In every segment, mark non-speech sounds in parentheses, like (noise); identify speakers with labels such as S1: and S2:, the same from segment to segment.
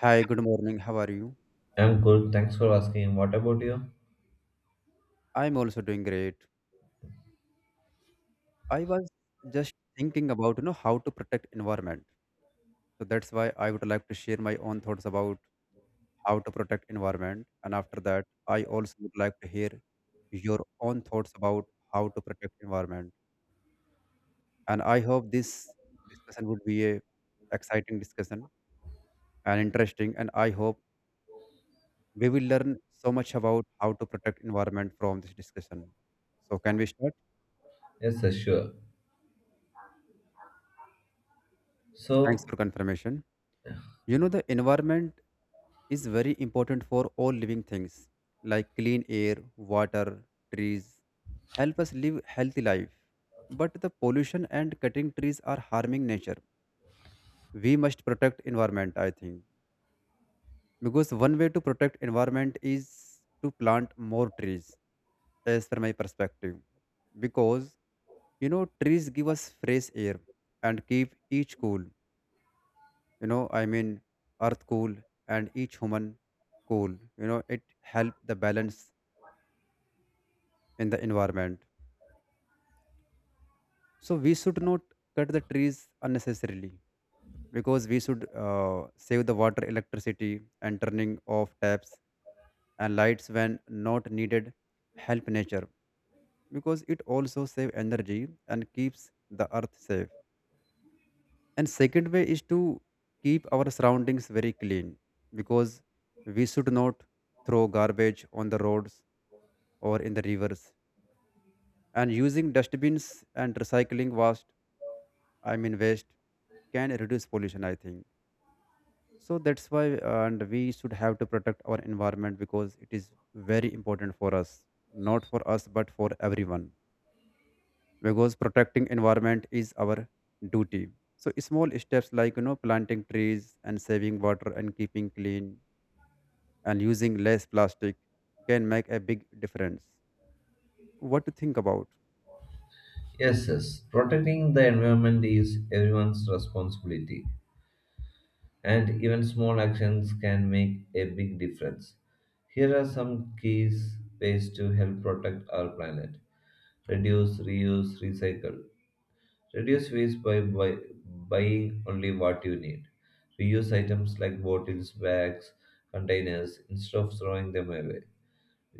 S1: Hi, good morning. How are you?
S2: I'm good. Thanks for asking. What about you?
S1: I'm also doing great. I was just thinking about, how to protect environment. So that's why I would like to share my own thoughts about how to protect environment. And after that, I also would like to hear your own thoughts about how to protect environment. And I hope this discussion would be a exciting discussion and interesting. And I hope we will learn so much about how to protect environment from this discussion. So can we start?
S2: Yes, sir, sure.
S1: Thanks for
S2: So,
S1: confirmation. You know, the environment is very important for all living things like clean air, water, trees help us live healthy life. But the pollution and cutting trees are harming nature. We must protect environment, I think. Because one way to protect environment is to plant more trees, as per my perspective. Because trees give us fresh air and keep each cool. I mean earth cool and each human cool, it help the balance in the environment, so we should not cut the trees unnecessarily, because we should save the water electricity, and turning off taps and lights when not needed help nature, because it also save energy and keeps the earth safe. And second way is to keep our surroundings very clean, because we should not throw garbage on the roads or in the rivers. And using dustbins and recycling waste, I mean waste, can reduce pollution. I think so. That's why, and we should have to protect our environment because it is very important for us, not for us, but for everyone. Because protecting environment is our duty. So small steps like planting trees and saving water and keeping clean and using less plastic can make a big difference. What to think about?
S2: yes, yes, protecting the environment is everyone's responsibility, and even small actions can make a big difference. Here are some keys ways to help protect our planet: reduce, reuse, recycle. Reduce waste by buying only what you need. Reuse items like bottles, bags, containers instead of throwing them away.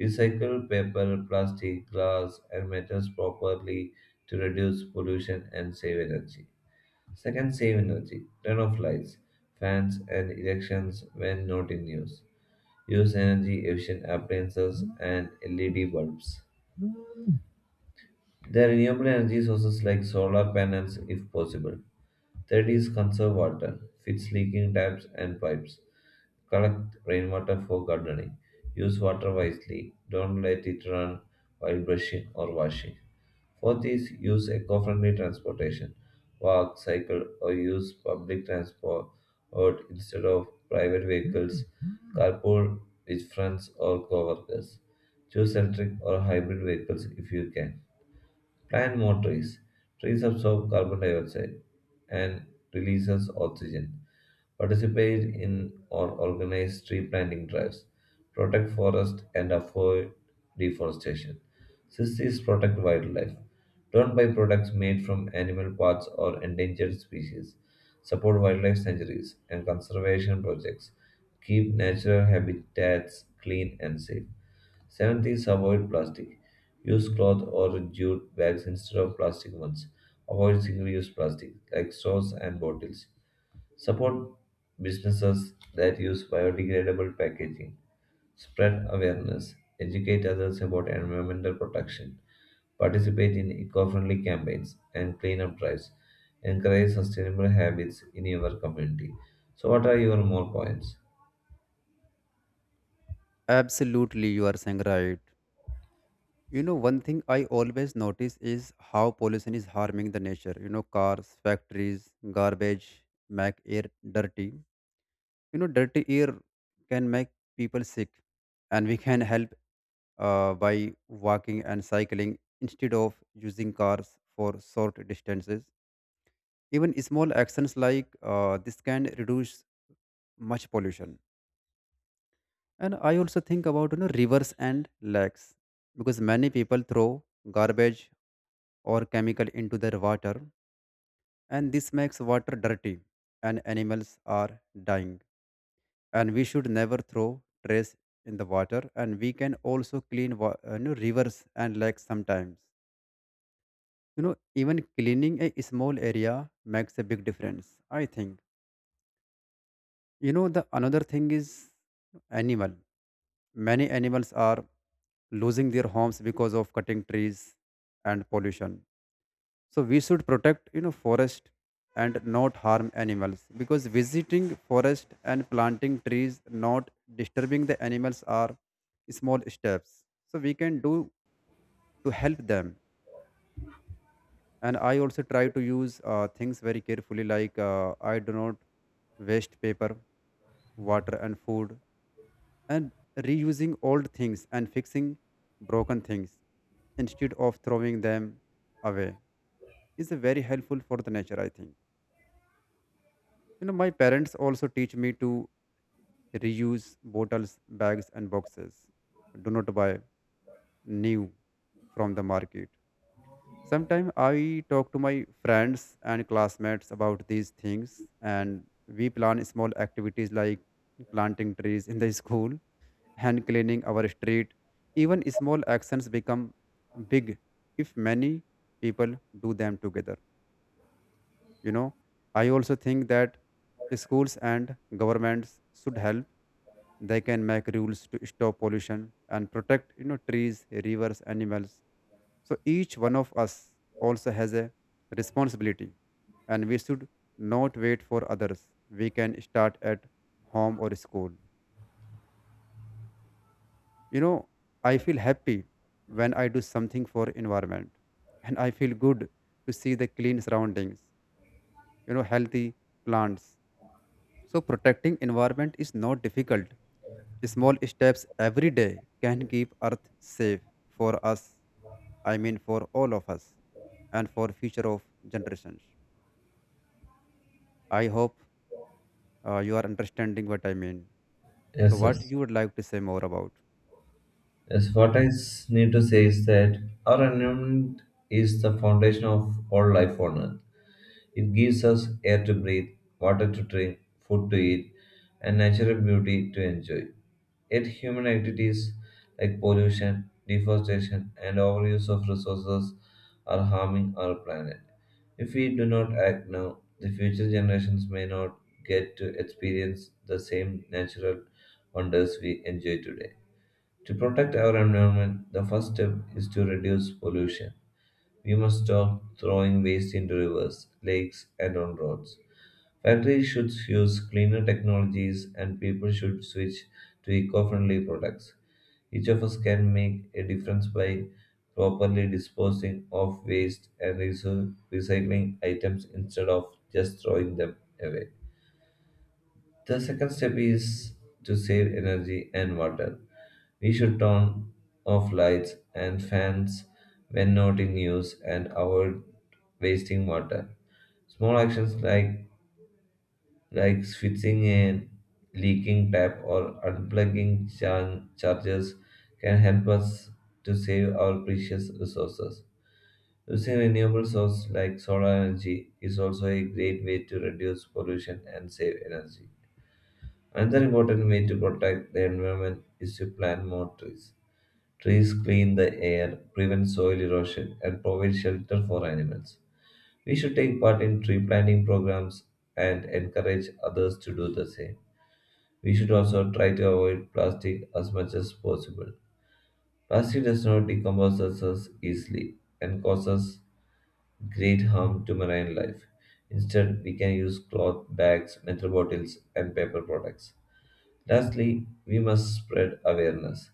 S2: Recycle paper, plastic, glass, and metals properly to reduce pollution and save energy. Second, save energy. Turn off lights, fans, and elections when not in use. Use energy efficient appliances and LED bulbs. There are renewable energy sources like solar panels, if possible. Third is conserve water, fix leaking taps and pipes, collect rainwater for gardening, use water wisely, don't let it run while brushing or washing. Fourth is use eco friendly transportation, walk, cycle, or use public transport or instead of private vehicles, carpool with friends or coworkers. Choose electric or hybrid vehicles if you can. Plant more trees. Trees absorb carbon dioxide and releases oxygen. Participate in or organize tree planting drives. Protect forest and avoid deforestation. Sixth is protect wildlife. Don't buy products made from animal parts or endangered species. Support wildlife sanctuaries and conservation projects. Keep natural habitats clean and safe. Seventh is avoid plastic. Use cloth or jute bags instead of plastic ones. Avoid single use plastic like straws and bottles. Support businesses that use biodegradable packaging. Spread awareness. Educate others about environmental protection. Participate in eco friendly campaigns and cleanup drives. Encourage sustainable habits in your community. So, what are your more points?
S1: Absolutely, you are saying right. You know, one thing I always notice is how pollution is harming the nature. You know, cars, factories, garbage make air dirty. You know, dirty air can make people sick, and we can help by walking and cycling instead of using cars for short distances. Even small actions like this can reduce much pollution. And I also think about, rivers and lakes, because many people throw garbage or chemical into their water, and this makes water dirty and animals are dying. And we should never throw trash in the water, and we can also clean rivers and lakes sometimes. You know, even cleaning a small area makes a big difference, I think. You know, the another thing is animal. Many animals are losing their homes because of cutting trees and pollution, so we should protect, forest, and not harm animals, because visiting forest and planting trees, not disturbing the animals, are small steps so we can do to help them. And I also try to use things very carefully, like I do not waste paper, water, and food. And reusing old things and fixing broken things instead of throwing them away is very helpful for the nature, I think. You know, my parents also teach me to reuse bottles, bags, and boxes. Do not buy new from the market. Sometimes I talk to my friends and classmates about these things, and we plan small activities like planting trees in the (laughs) school and cleaning our street. Even small actions become big if many people do them together. You know, I also think that schools and governments should help. They can make rules to stop pollution and protect, trees, rivers, animals. So each one of us also has a responsibility, and we should not wait for others. We can start at home or school. You know, I feel happy when I do something for environment, and I feel good to see the clean surroundings, healthy plants. So protecting environment is not difficult. Small steps every day can keep Earth safe for us, I mean for all of us, and for future of generations. I hope you are understanding what I mean. So,
S2: Yes,
S1: what
S2: yes.
S1: you would like to say more about?
S2: Yes, what need to say is that our environment is the foundation of all life on Earth. It gives us air to breathe, water to drink, food to eat, and natural beauty to enjoy. Yet, human activities like pollution, deforestation, and overuse of resources are harming our planet. If we do not act now, the future generations may not get to experience the same natural wonders we enjoy today. To protect our environment, the first step is to reduce pollution. We must stop throwing waste into rivers, lakes, and on roads. Factories should use cleaner technologies, and people should switch to eco friendly products. Each of us can make a difference by properly disposing of waste and recycling items instead of just throwing them away. The second step is to save energy and water. We should turn off lights and fans when not in use and avoid wasting water. Small actions like switching a leaking tap or unplugging chargers can help us to save our precious resources. Using renewable sources like solar energy is also a great way to reduce pollution and save energy. Another important way to protect the environment is to plant more trees. Trees clean the air, prevent soil erosion, and provide shelter for animals. We should take part in tree planting programs and encourage others to do the same. We should also try to avoid plastic as much as possible. Plastic does not decompose as easily and causes great harm to marine life. Instead, we can use cloth bags, metal bottles, and paper products. Lastly, we must spread awareness.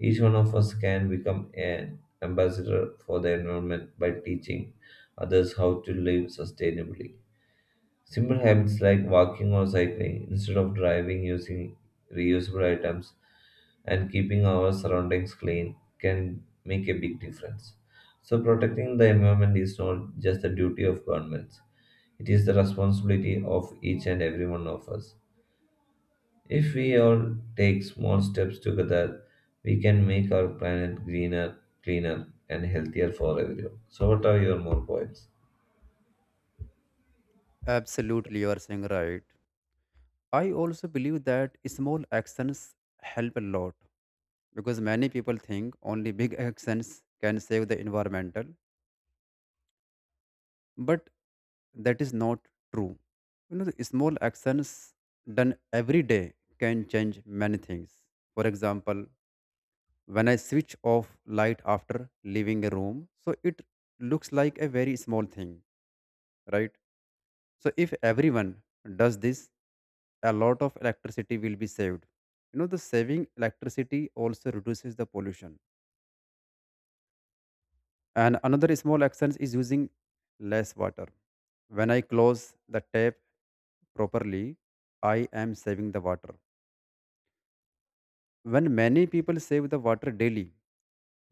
S2: Each one of us can become an ambassador for the environment by teaching others how to live sustainably. Simple habits like walking or cycling instead of driving using reusable items and keeping our surroundings clean can make a big difference. So, protecting the environment is not just the duty of governments, it is the responsibility of each and every one of us. If we all take small steps together, we can make our planet greener, cleaner, and healthier for everyone. So, what are your more points?
S1: Absolutely, you are saying right. I also believe that small actions help a lot, because many people think only big (laughs) actions can save the environmental, but that is not true. You know, the small actions done every day can change many things. For example, when I switch off light after leaving a room, so it looks like a very small thing, right? So if everyone does this, a lot of electricity will be saved. You know, the saving electricity also reduces the pollution. And another small action is using less water. When I close the tap properly, I am saving the water. When many people save the water daily,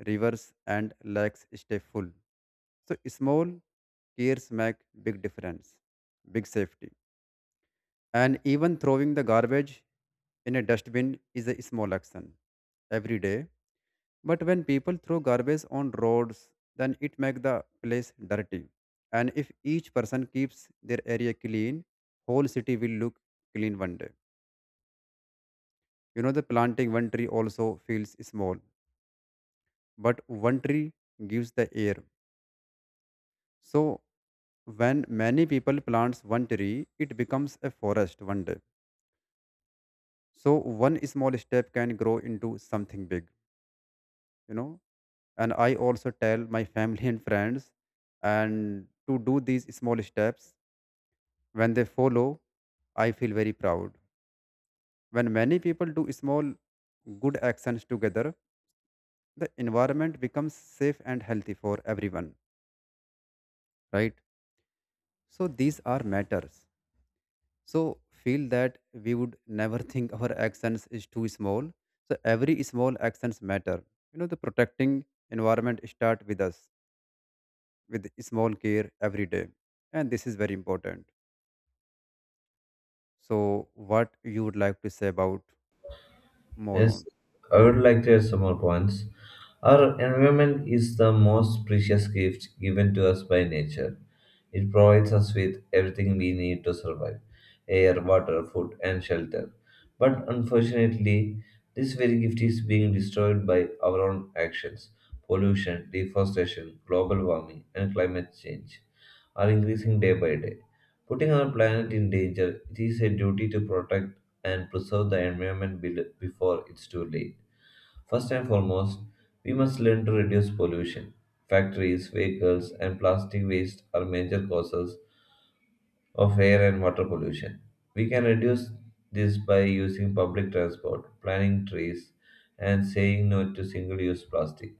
S1: rivers and lakes stay full. So small cares make big difference, big safety. And even throwing the garbage in a dustbin is a small action every day. But when people throw garbage on roads, then it makes the place dirty. And if each person keeps their area clean, whole city will look clean one day. You know, the planting one tree also feels small, but one tree gives the air. So when many people plants one tree, it becomes a forest one day. So one small step can grow into something big, you know. And I also tell my (laughs) family and friends and to do these small steps. When they follow, I feel very proud. When many people do small good actions together, the environment becomes safe and healthy for everyone, right? So these are matters. So feel that we would never (laughs) think our actions is too small. So every small actions matter. You know, the protecting environment start with us with small care every day. And this is very important. So what you would like to say about more on?
S2: Yes, I would like to add some more points. Our environment is the most precious gift given to us by nature. It provides us with everything we need to survive air, water, food, and shelter. But unfortunately, this very gift is being destroyed by our own actions pollution, deforestation, global warming, and climate change are increasing day by day. Putting our planet in danger, it is a duty to protect and preserve the environment before it's too late. First and foremost, we must learn to reduce pollution. Factories, vehicles, and plastic waste are major causes of air and water pollution. We can reduce this by using public transport, planting trees, and saying no to single use plastic.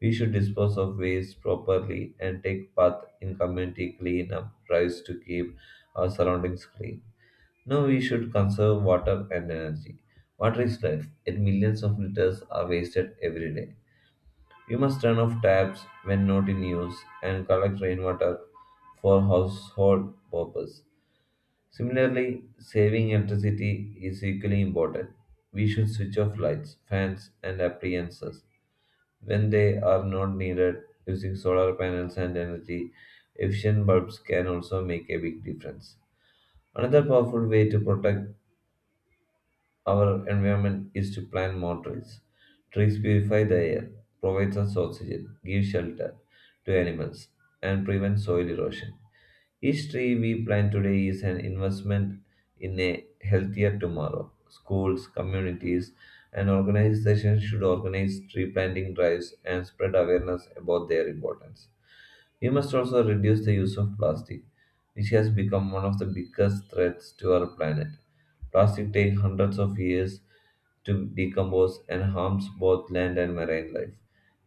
S2: We should dispose of waste properly and take part in community cleanup drives to keep our surroundings clean. No, we should conserve water and energy. Water is life, yet millions of liters are wasted every day. We must turn off taps when not in use and collect rainwater for household purpose. Similarly, saving electricity is equally important. We should switch off lights, fans, and appliances when they are not needed. Using solar panels and energy efficient bulbs can also make a big difference. Another powerful way to protect our environment is to plant more trees. Trees purify the air, provides us oxygen, give shelter to animals, and prevent soil erosion. Each tree we plant today is an investment in a healthier tomorrow. Schools, communities, and organizations should organize tree planting drives and spread awareness about their importance. We must also reduce the use of plastic, which has become one of the biggest threats to our planet. Plastic takes hundreds of years to decompose and harms both land and marine life.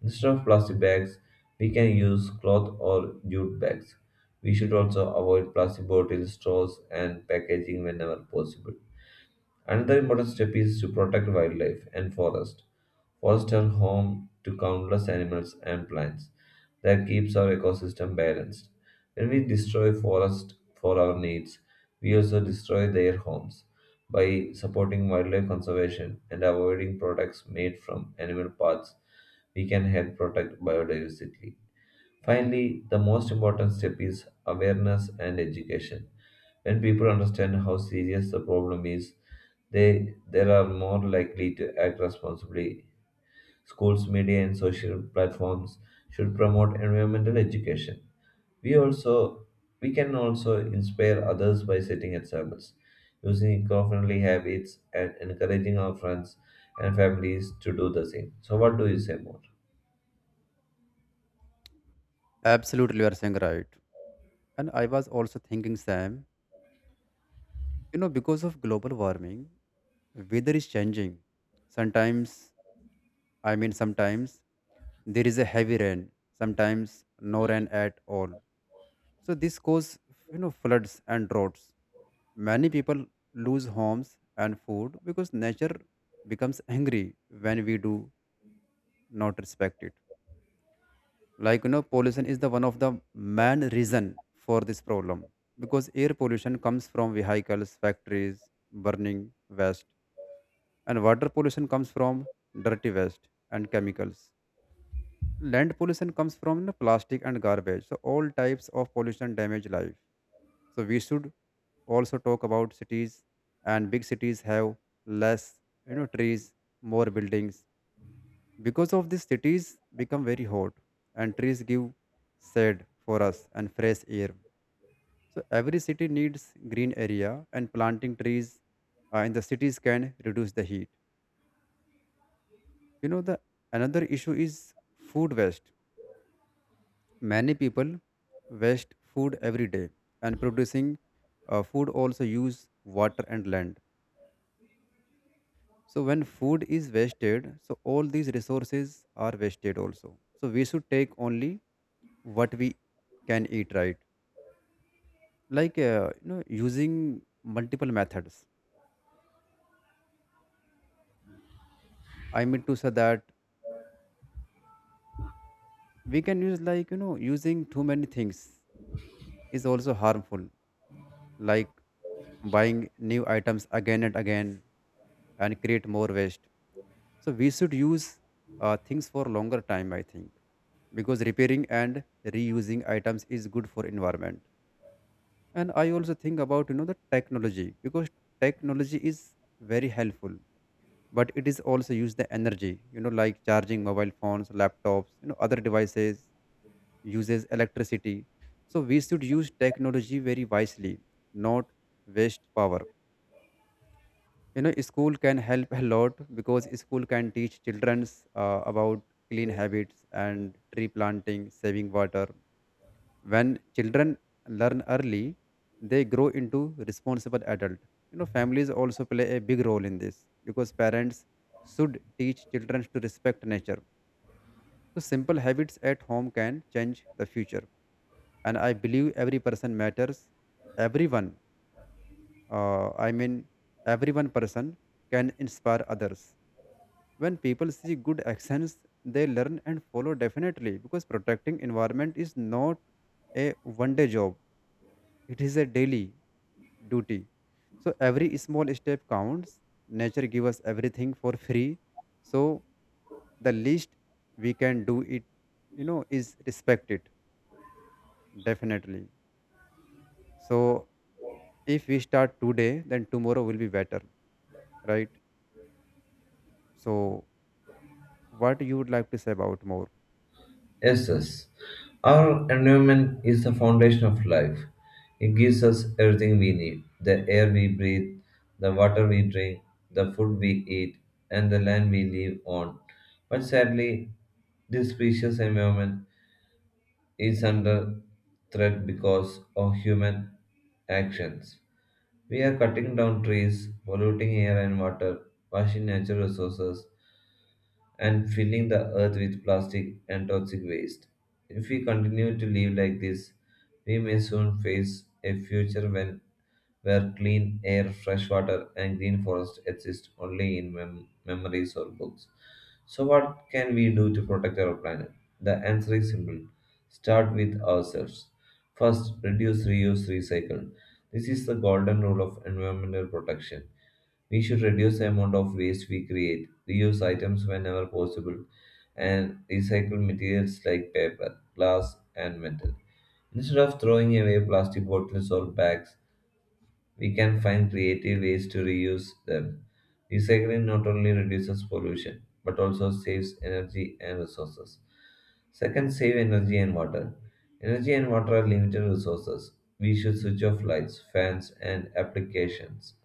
S2: Instead of plastic bags, we can use cloth or jute bags. We should also avoid plastic bottles, straws, and packaging whenever possible. Another important step is to protect wildlife and forest. Forests are home to countless animals and plants that keeps our ecosystem balanced. When we destroy forests for our needs, we also destroy their homes. By supporting wildlife conservation and avoiding products made from animal parts, we can help protect biodiversity. Finally, the most important step is awareness and education. When people understand how serious the problem is, they are more likely to act responsibly. Schools, media, and social platforms should promote environmental education. We also we can also inspire others by setting examples, using eco-friendly habits, and encouraging our friends and families to do the same. So, what do you say more?
S1: Absolutely, you are saying right. And I was also thinking, Sam, you know, because of global warming, weather is changing. Sometimes, sometimes there is a heavy rain, sometimes no rain at all. So this causes, you know, floods and droughts. Many people lose homes and food because nature becomes angry when we do not respect it. Like, pollution is the one of the main reason for this problem, because air pollution comes from vehicles, factories, burning waste, and water pollution comes from dirty waste and chemicals. Land pollution comes from the plastic and garbage. So all types of pollution damage life. So we should also talk about cities. And big cities have less, trees, more buildings. Because of this, cities become very hot, and trees give shade for us and fresh air. So every city needs green area, and planting trees in the cities can reduce the heat. You know, the another issue is food waste. Many people waste food every day, and producing food also use water and land. So when food is wasted, so all these resources are wasted also. So we should take only what we can eat, right? Like, using multiple methods, I mean to say that we can use, like, using too many things is also harmful, like buying new items again and again and create more waste. So we should use things for longer time, I think, because repairing and reusing items is good for environment. And I also think about, the technology, because technology is very helpful, but it is also use the energy. You know, like charging mobile phones, laptops, other devices uses electricity. So we should use technology very wisely, not waste power. You know, school can help a lot, because school can teach children about clean habits and tree planting, saving water. When children learn early, they grow into responsible adult. You know, families also play a big role in this, because parents should teach children to respect nature. So simple habits at home can change the future. And I believe every person matters. Everyone uh, i mean every one person can inspire others. When people see good actions, they learn and follow definitely, because protecting environment is not a one day job, it is a daily duty. So every small step counts. Nature gives us everything for free. So the least we can do it, you know, is respect it definitely. So if we start today, then tomorrow will be better, right? So what you would like to say about more?
S2: Yes, yes. Our environment is the foundation of life. It gives us everything we need the air we breathe, the water we drink, the food we eat, and the land we live on. But sadly, this precious environment is under threat because of human actions. We are cutting down trees, polluting air and water, washing natural resources, and filling the earth with plastic and toxic waste. If we continue to live like this, we may soon face a future when where clean air, fresh water, and green forest exist only in memories or books. So, what can we do to protect our planet? The answer is simple start with ourselves. First, reduce, reuse, recycle. This is the golden rule of environmental protection. We should reduce the amount of waste we create, reuse items whenever possible, and recycle materials like paper, glass, and metal. Instead of throwing away plastic bottles or bags, we can find creative ways to reuse them. Recycling not only reduces pollution but also saves energy and resources. Second, save energy and water. Energy and water are limited resources. We should switch off lights, fans, and applications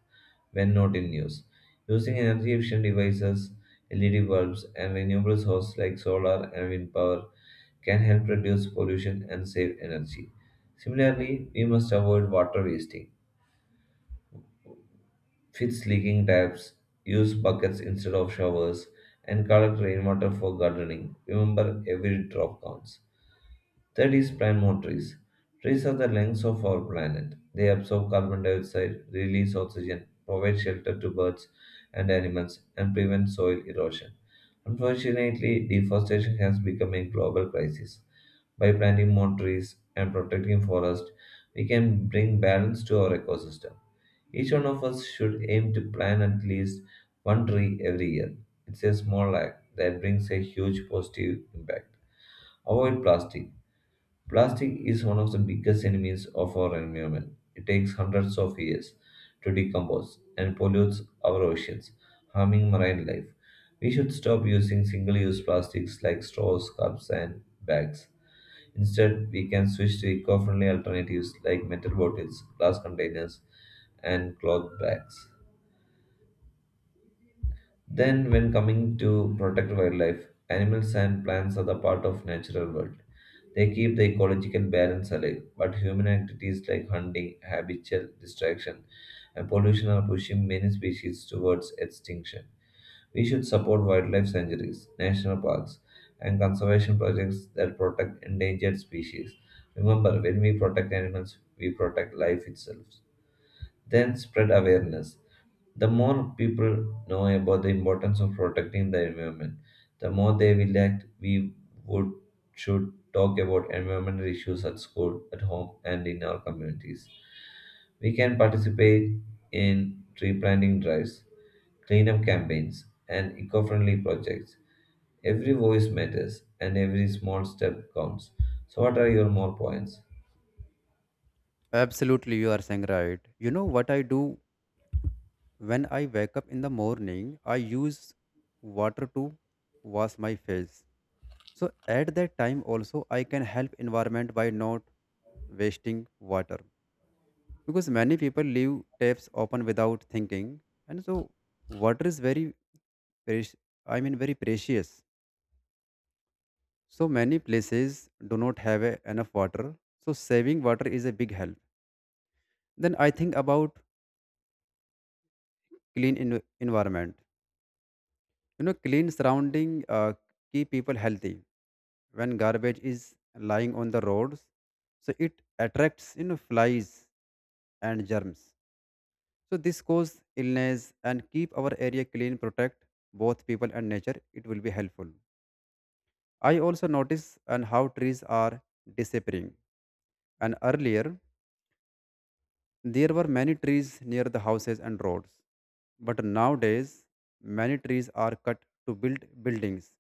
S2: when not in use. Using energy efficient devices, LED bulbs, and renewable sources like solar and wind power can help reduce pollution and save energy. Similarly, we must avoid water wasting. Fix leaking taps, use buckets instead of showers, and collect rainwater for gardening. Remember, every drop counts. Third is plant trees. Trees are the lungs of our planet. They absorb carbon dioxide, release oxygen, provide shelter to birds and animals, and prevent soil erosion. Unfortunately, deforestation has become a global crisis. By planting more trees and protecting forests, we can bring balance to our ecosystem. Each one of us should aim to plant at least one tree every year. It's a small act that brings a huge positive impact. Avoid plastic. Plastic is one of the biggest enemies of our environment. It takes hundreds of years to decompose and pollutes our oceans, harming marine life. We should stop using single use plastics like straws, cups, and bags. Instead, we can switch to eco friendly alternatives like metal bottles, glass containers, and cloth bags. Then, when coming to protect wildlife, animals and plants are the part of natural world. They keep the ecological balance alive, but human activities like hunting, habitual distraction, and pollution are pushing many species towards extinction. We should support wildlife sanctuaries, national parks, and conservation projects that protect endangered species. Remember, when we protect animals, we protect life itself. Then spread awareness. The more people know about the importance of protecting the environment, the more they will act. We would should talk about environmental issues at school, at home, and in our communities. We can participate in tree planting drives, cleanup campaigns, and eco-friendly projects. Every voice matters, and every small step counts. So, what are your more points?
S1: Absolutely, you are saying right. You know what I do when I wake up in the morning? I use water to wash my face. So at that time also I can help environment by not wasting water, because many people leave taps open without thinking. And so water is very preci- very precious. So many places do not have enough water. So saving water is a big help. Then I think about clean environment. You know, clean surrounding keep people healthy. When garbage is lying on the roads, so it attracts, you know, flies and germs. So this cause illness, and keep our area clean, protect both people and nature. It will be helpful. I also notice and how trees are disappearing. And earlier there were many trees near the houses and roads, but nowadays many trees are cut to build buildings.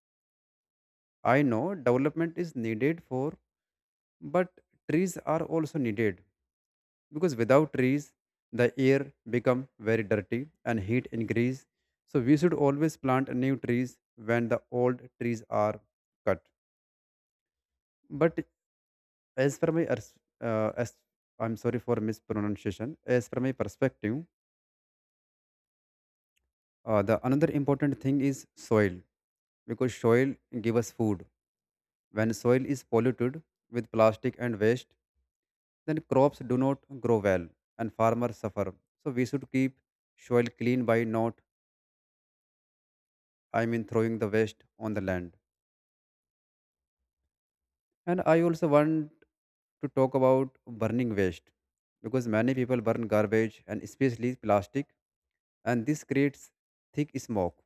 S1: I know development is needed for, but trees are also needed, because without trees the air become very dirty and heat increase. So we should always plant new trees when the old trees are cut. But as per my ers- as I'm sorry for mispronunciation. As per my perspective, the another important thing is soil, because soil give us food. When soil is polluted with plastic and waste, then crops do not grow well and farmers suffer. So we should keep soil clean by not, throwing the waste on the land. And I also want to talk about burning waste, because many people burn garbage and especially plastic, and this creates thick smoke.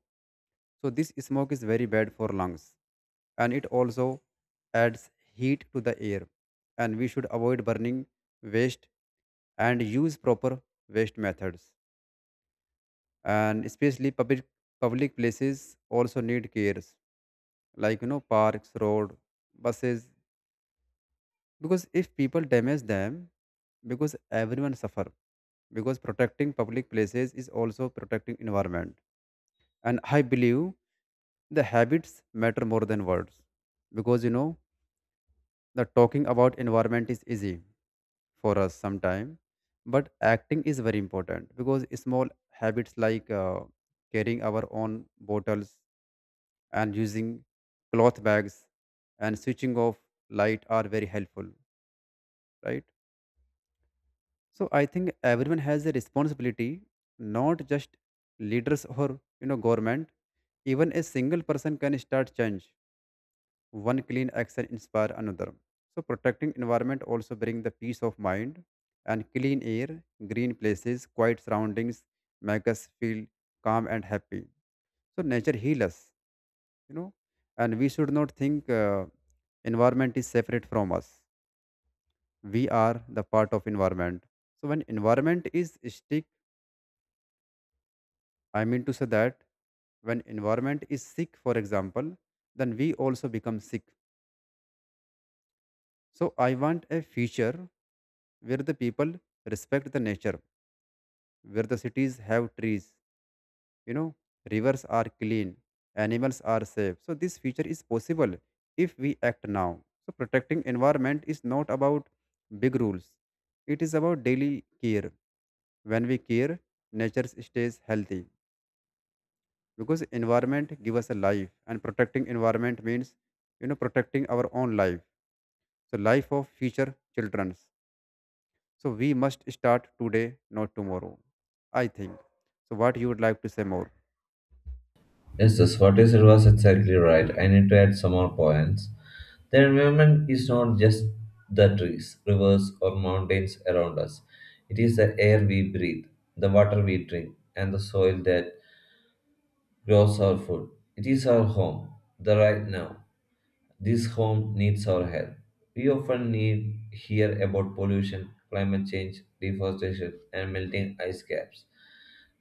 S1: So this smoke is very bad for lungs, and it also adds heat to the air. And we should avoid burning waste and use proper waste methods. And especially public places also need cares, like, you know, parks, road, buses, because if people damage them, because everyone suffer, because protecting public places is also protecting environment. And I believe the habits matter more than words, because, you know, the talking about environment is easy for us sometime, but acting is very important, because small habits like carrying our own bottles and using cloth bags and switching off light are very helpful, right? So I think everyone has a responsibility, not just leaders or, you know, government. Even a single person can start change. One clean action inspire another. So protecting environment also bring the peace of mind, and clean air, green places, quiet surroundings make us feel calm and happy. So nature heal us, you know. And we should not think environment is separate from us. We are the part of environment. So when environment is stick I mean to say that when environment is sick, for example, then we also become sick. So I want a future where the people respect the nature, where the cities have trees, you know, rivers are clean, animals are safe. So this future is possible if we act now. So protecting environment is not about big rules. It is about daily care. When we care, nature stays healthy. Because environment give us a life, and protecting environment means, you know, protecting our own life. So life of future children's. So we must start today, not tomorrow, I think. So what you would like to say more?
S2: Yes, yes, what you said was exactly right. I need to add some more points. The environment is not just the trees, rivers, or mountains around us. It is the air we breathe, the water we drink, and the soil that grows our food. It is our home, the right now. This home needs our help. We often need hear about pollution, climate change, deforestation, and melting ice caps.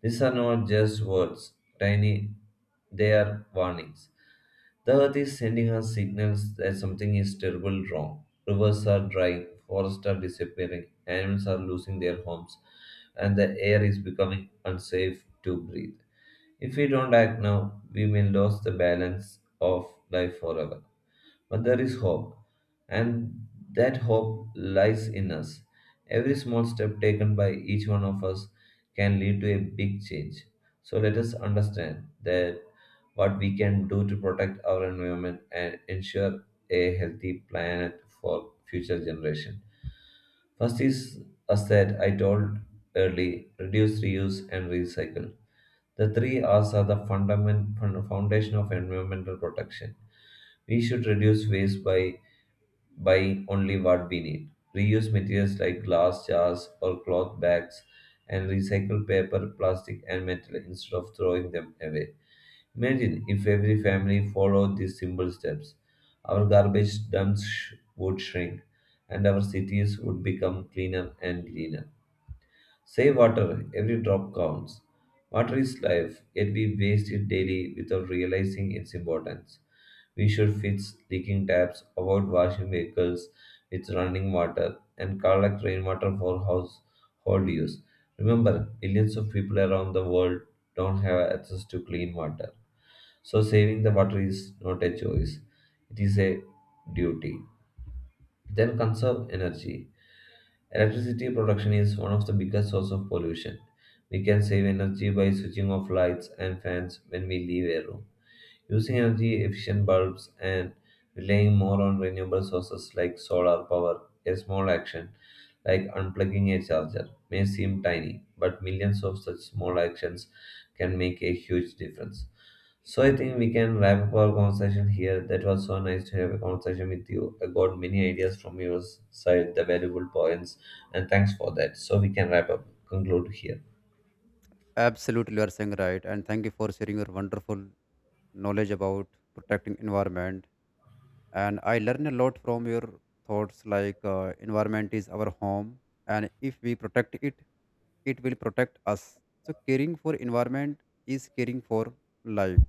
S2: These are not just words, tiny, they are warnings. The earth is sending us signals that something is terribly wrong. Rivers are drying, forests are disappearing, animals are losing their homes, and the air is becoming unsafe to breathe. If we don't act now, we may lose the balance of life forever. But there is hope, and that hope lies in us. Every small step taken by each one of us can lead to a big change. So let us understand that what we can do to protect our environment and ensure a healthy planet for future generations. First is as that I told early, reduce, reuse, and recycle. The three R's are the foundation of environmental protection. We should reduce waste by buy only what we need. Reuse materials like glass jars or cloth bags and recycle paper, plastic, and metal instead of throwing them away. Imagine if every family followed these simple steps. Our garbage dumps would shrink and our cities would become cleaner and greener. Save water, every drop counts. Water is life, yet we waste it daily without realizing its importance. We should fix leaking taps, avoid washing vehicles with running water, and collect rainwater for household use. Remember, millions of people around the world don't have access to clean water. So, saving the water is not a choice, it is a duty. Then, conserve energy. Electricity production is one of the biggest sources of pollution. We can save energy by switching off lights and fans when we leave a room, using energy efficient bulbs, and relying more on renewable sources like solar power. A small action like unplugging a charger may seem tiny, but millions of such small actions can make a huge difference. So I think we can wrap up our conversation here. That was so nice to have a conversation with you. I got many ideas from your side, the valuable points, and thanks for that. So we can wrap up, conclude here.
S1: Absolutely, you are saying right, and thank you for sharing your wonderful knowledge about protecting environment. And I learn a lot from your thoughts, like environment is our home, and if we protect it, it will protect us. So caring for environment is caring for life.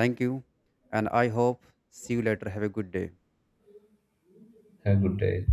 S1: Thank you, and I hope see you later. Have a good day.
S2: Have a good day.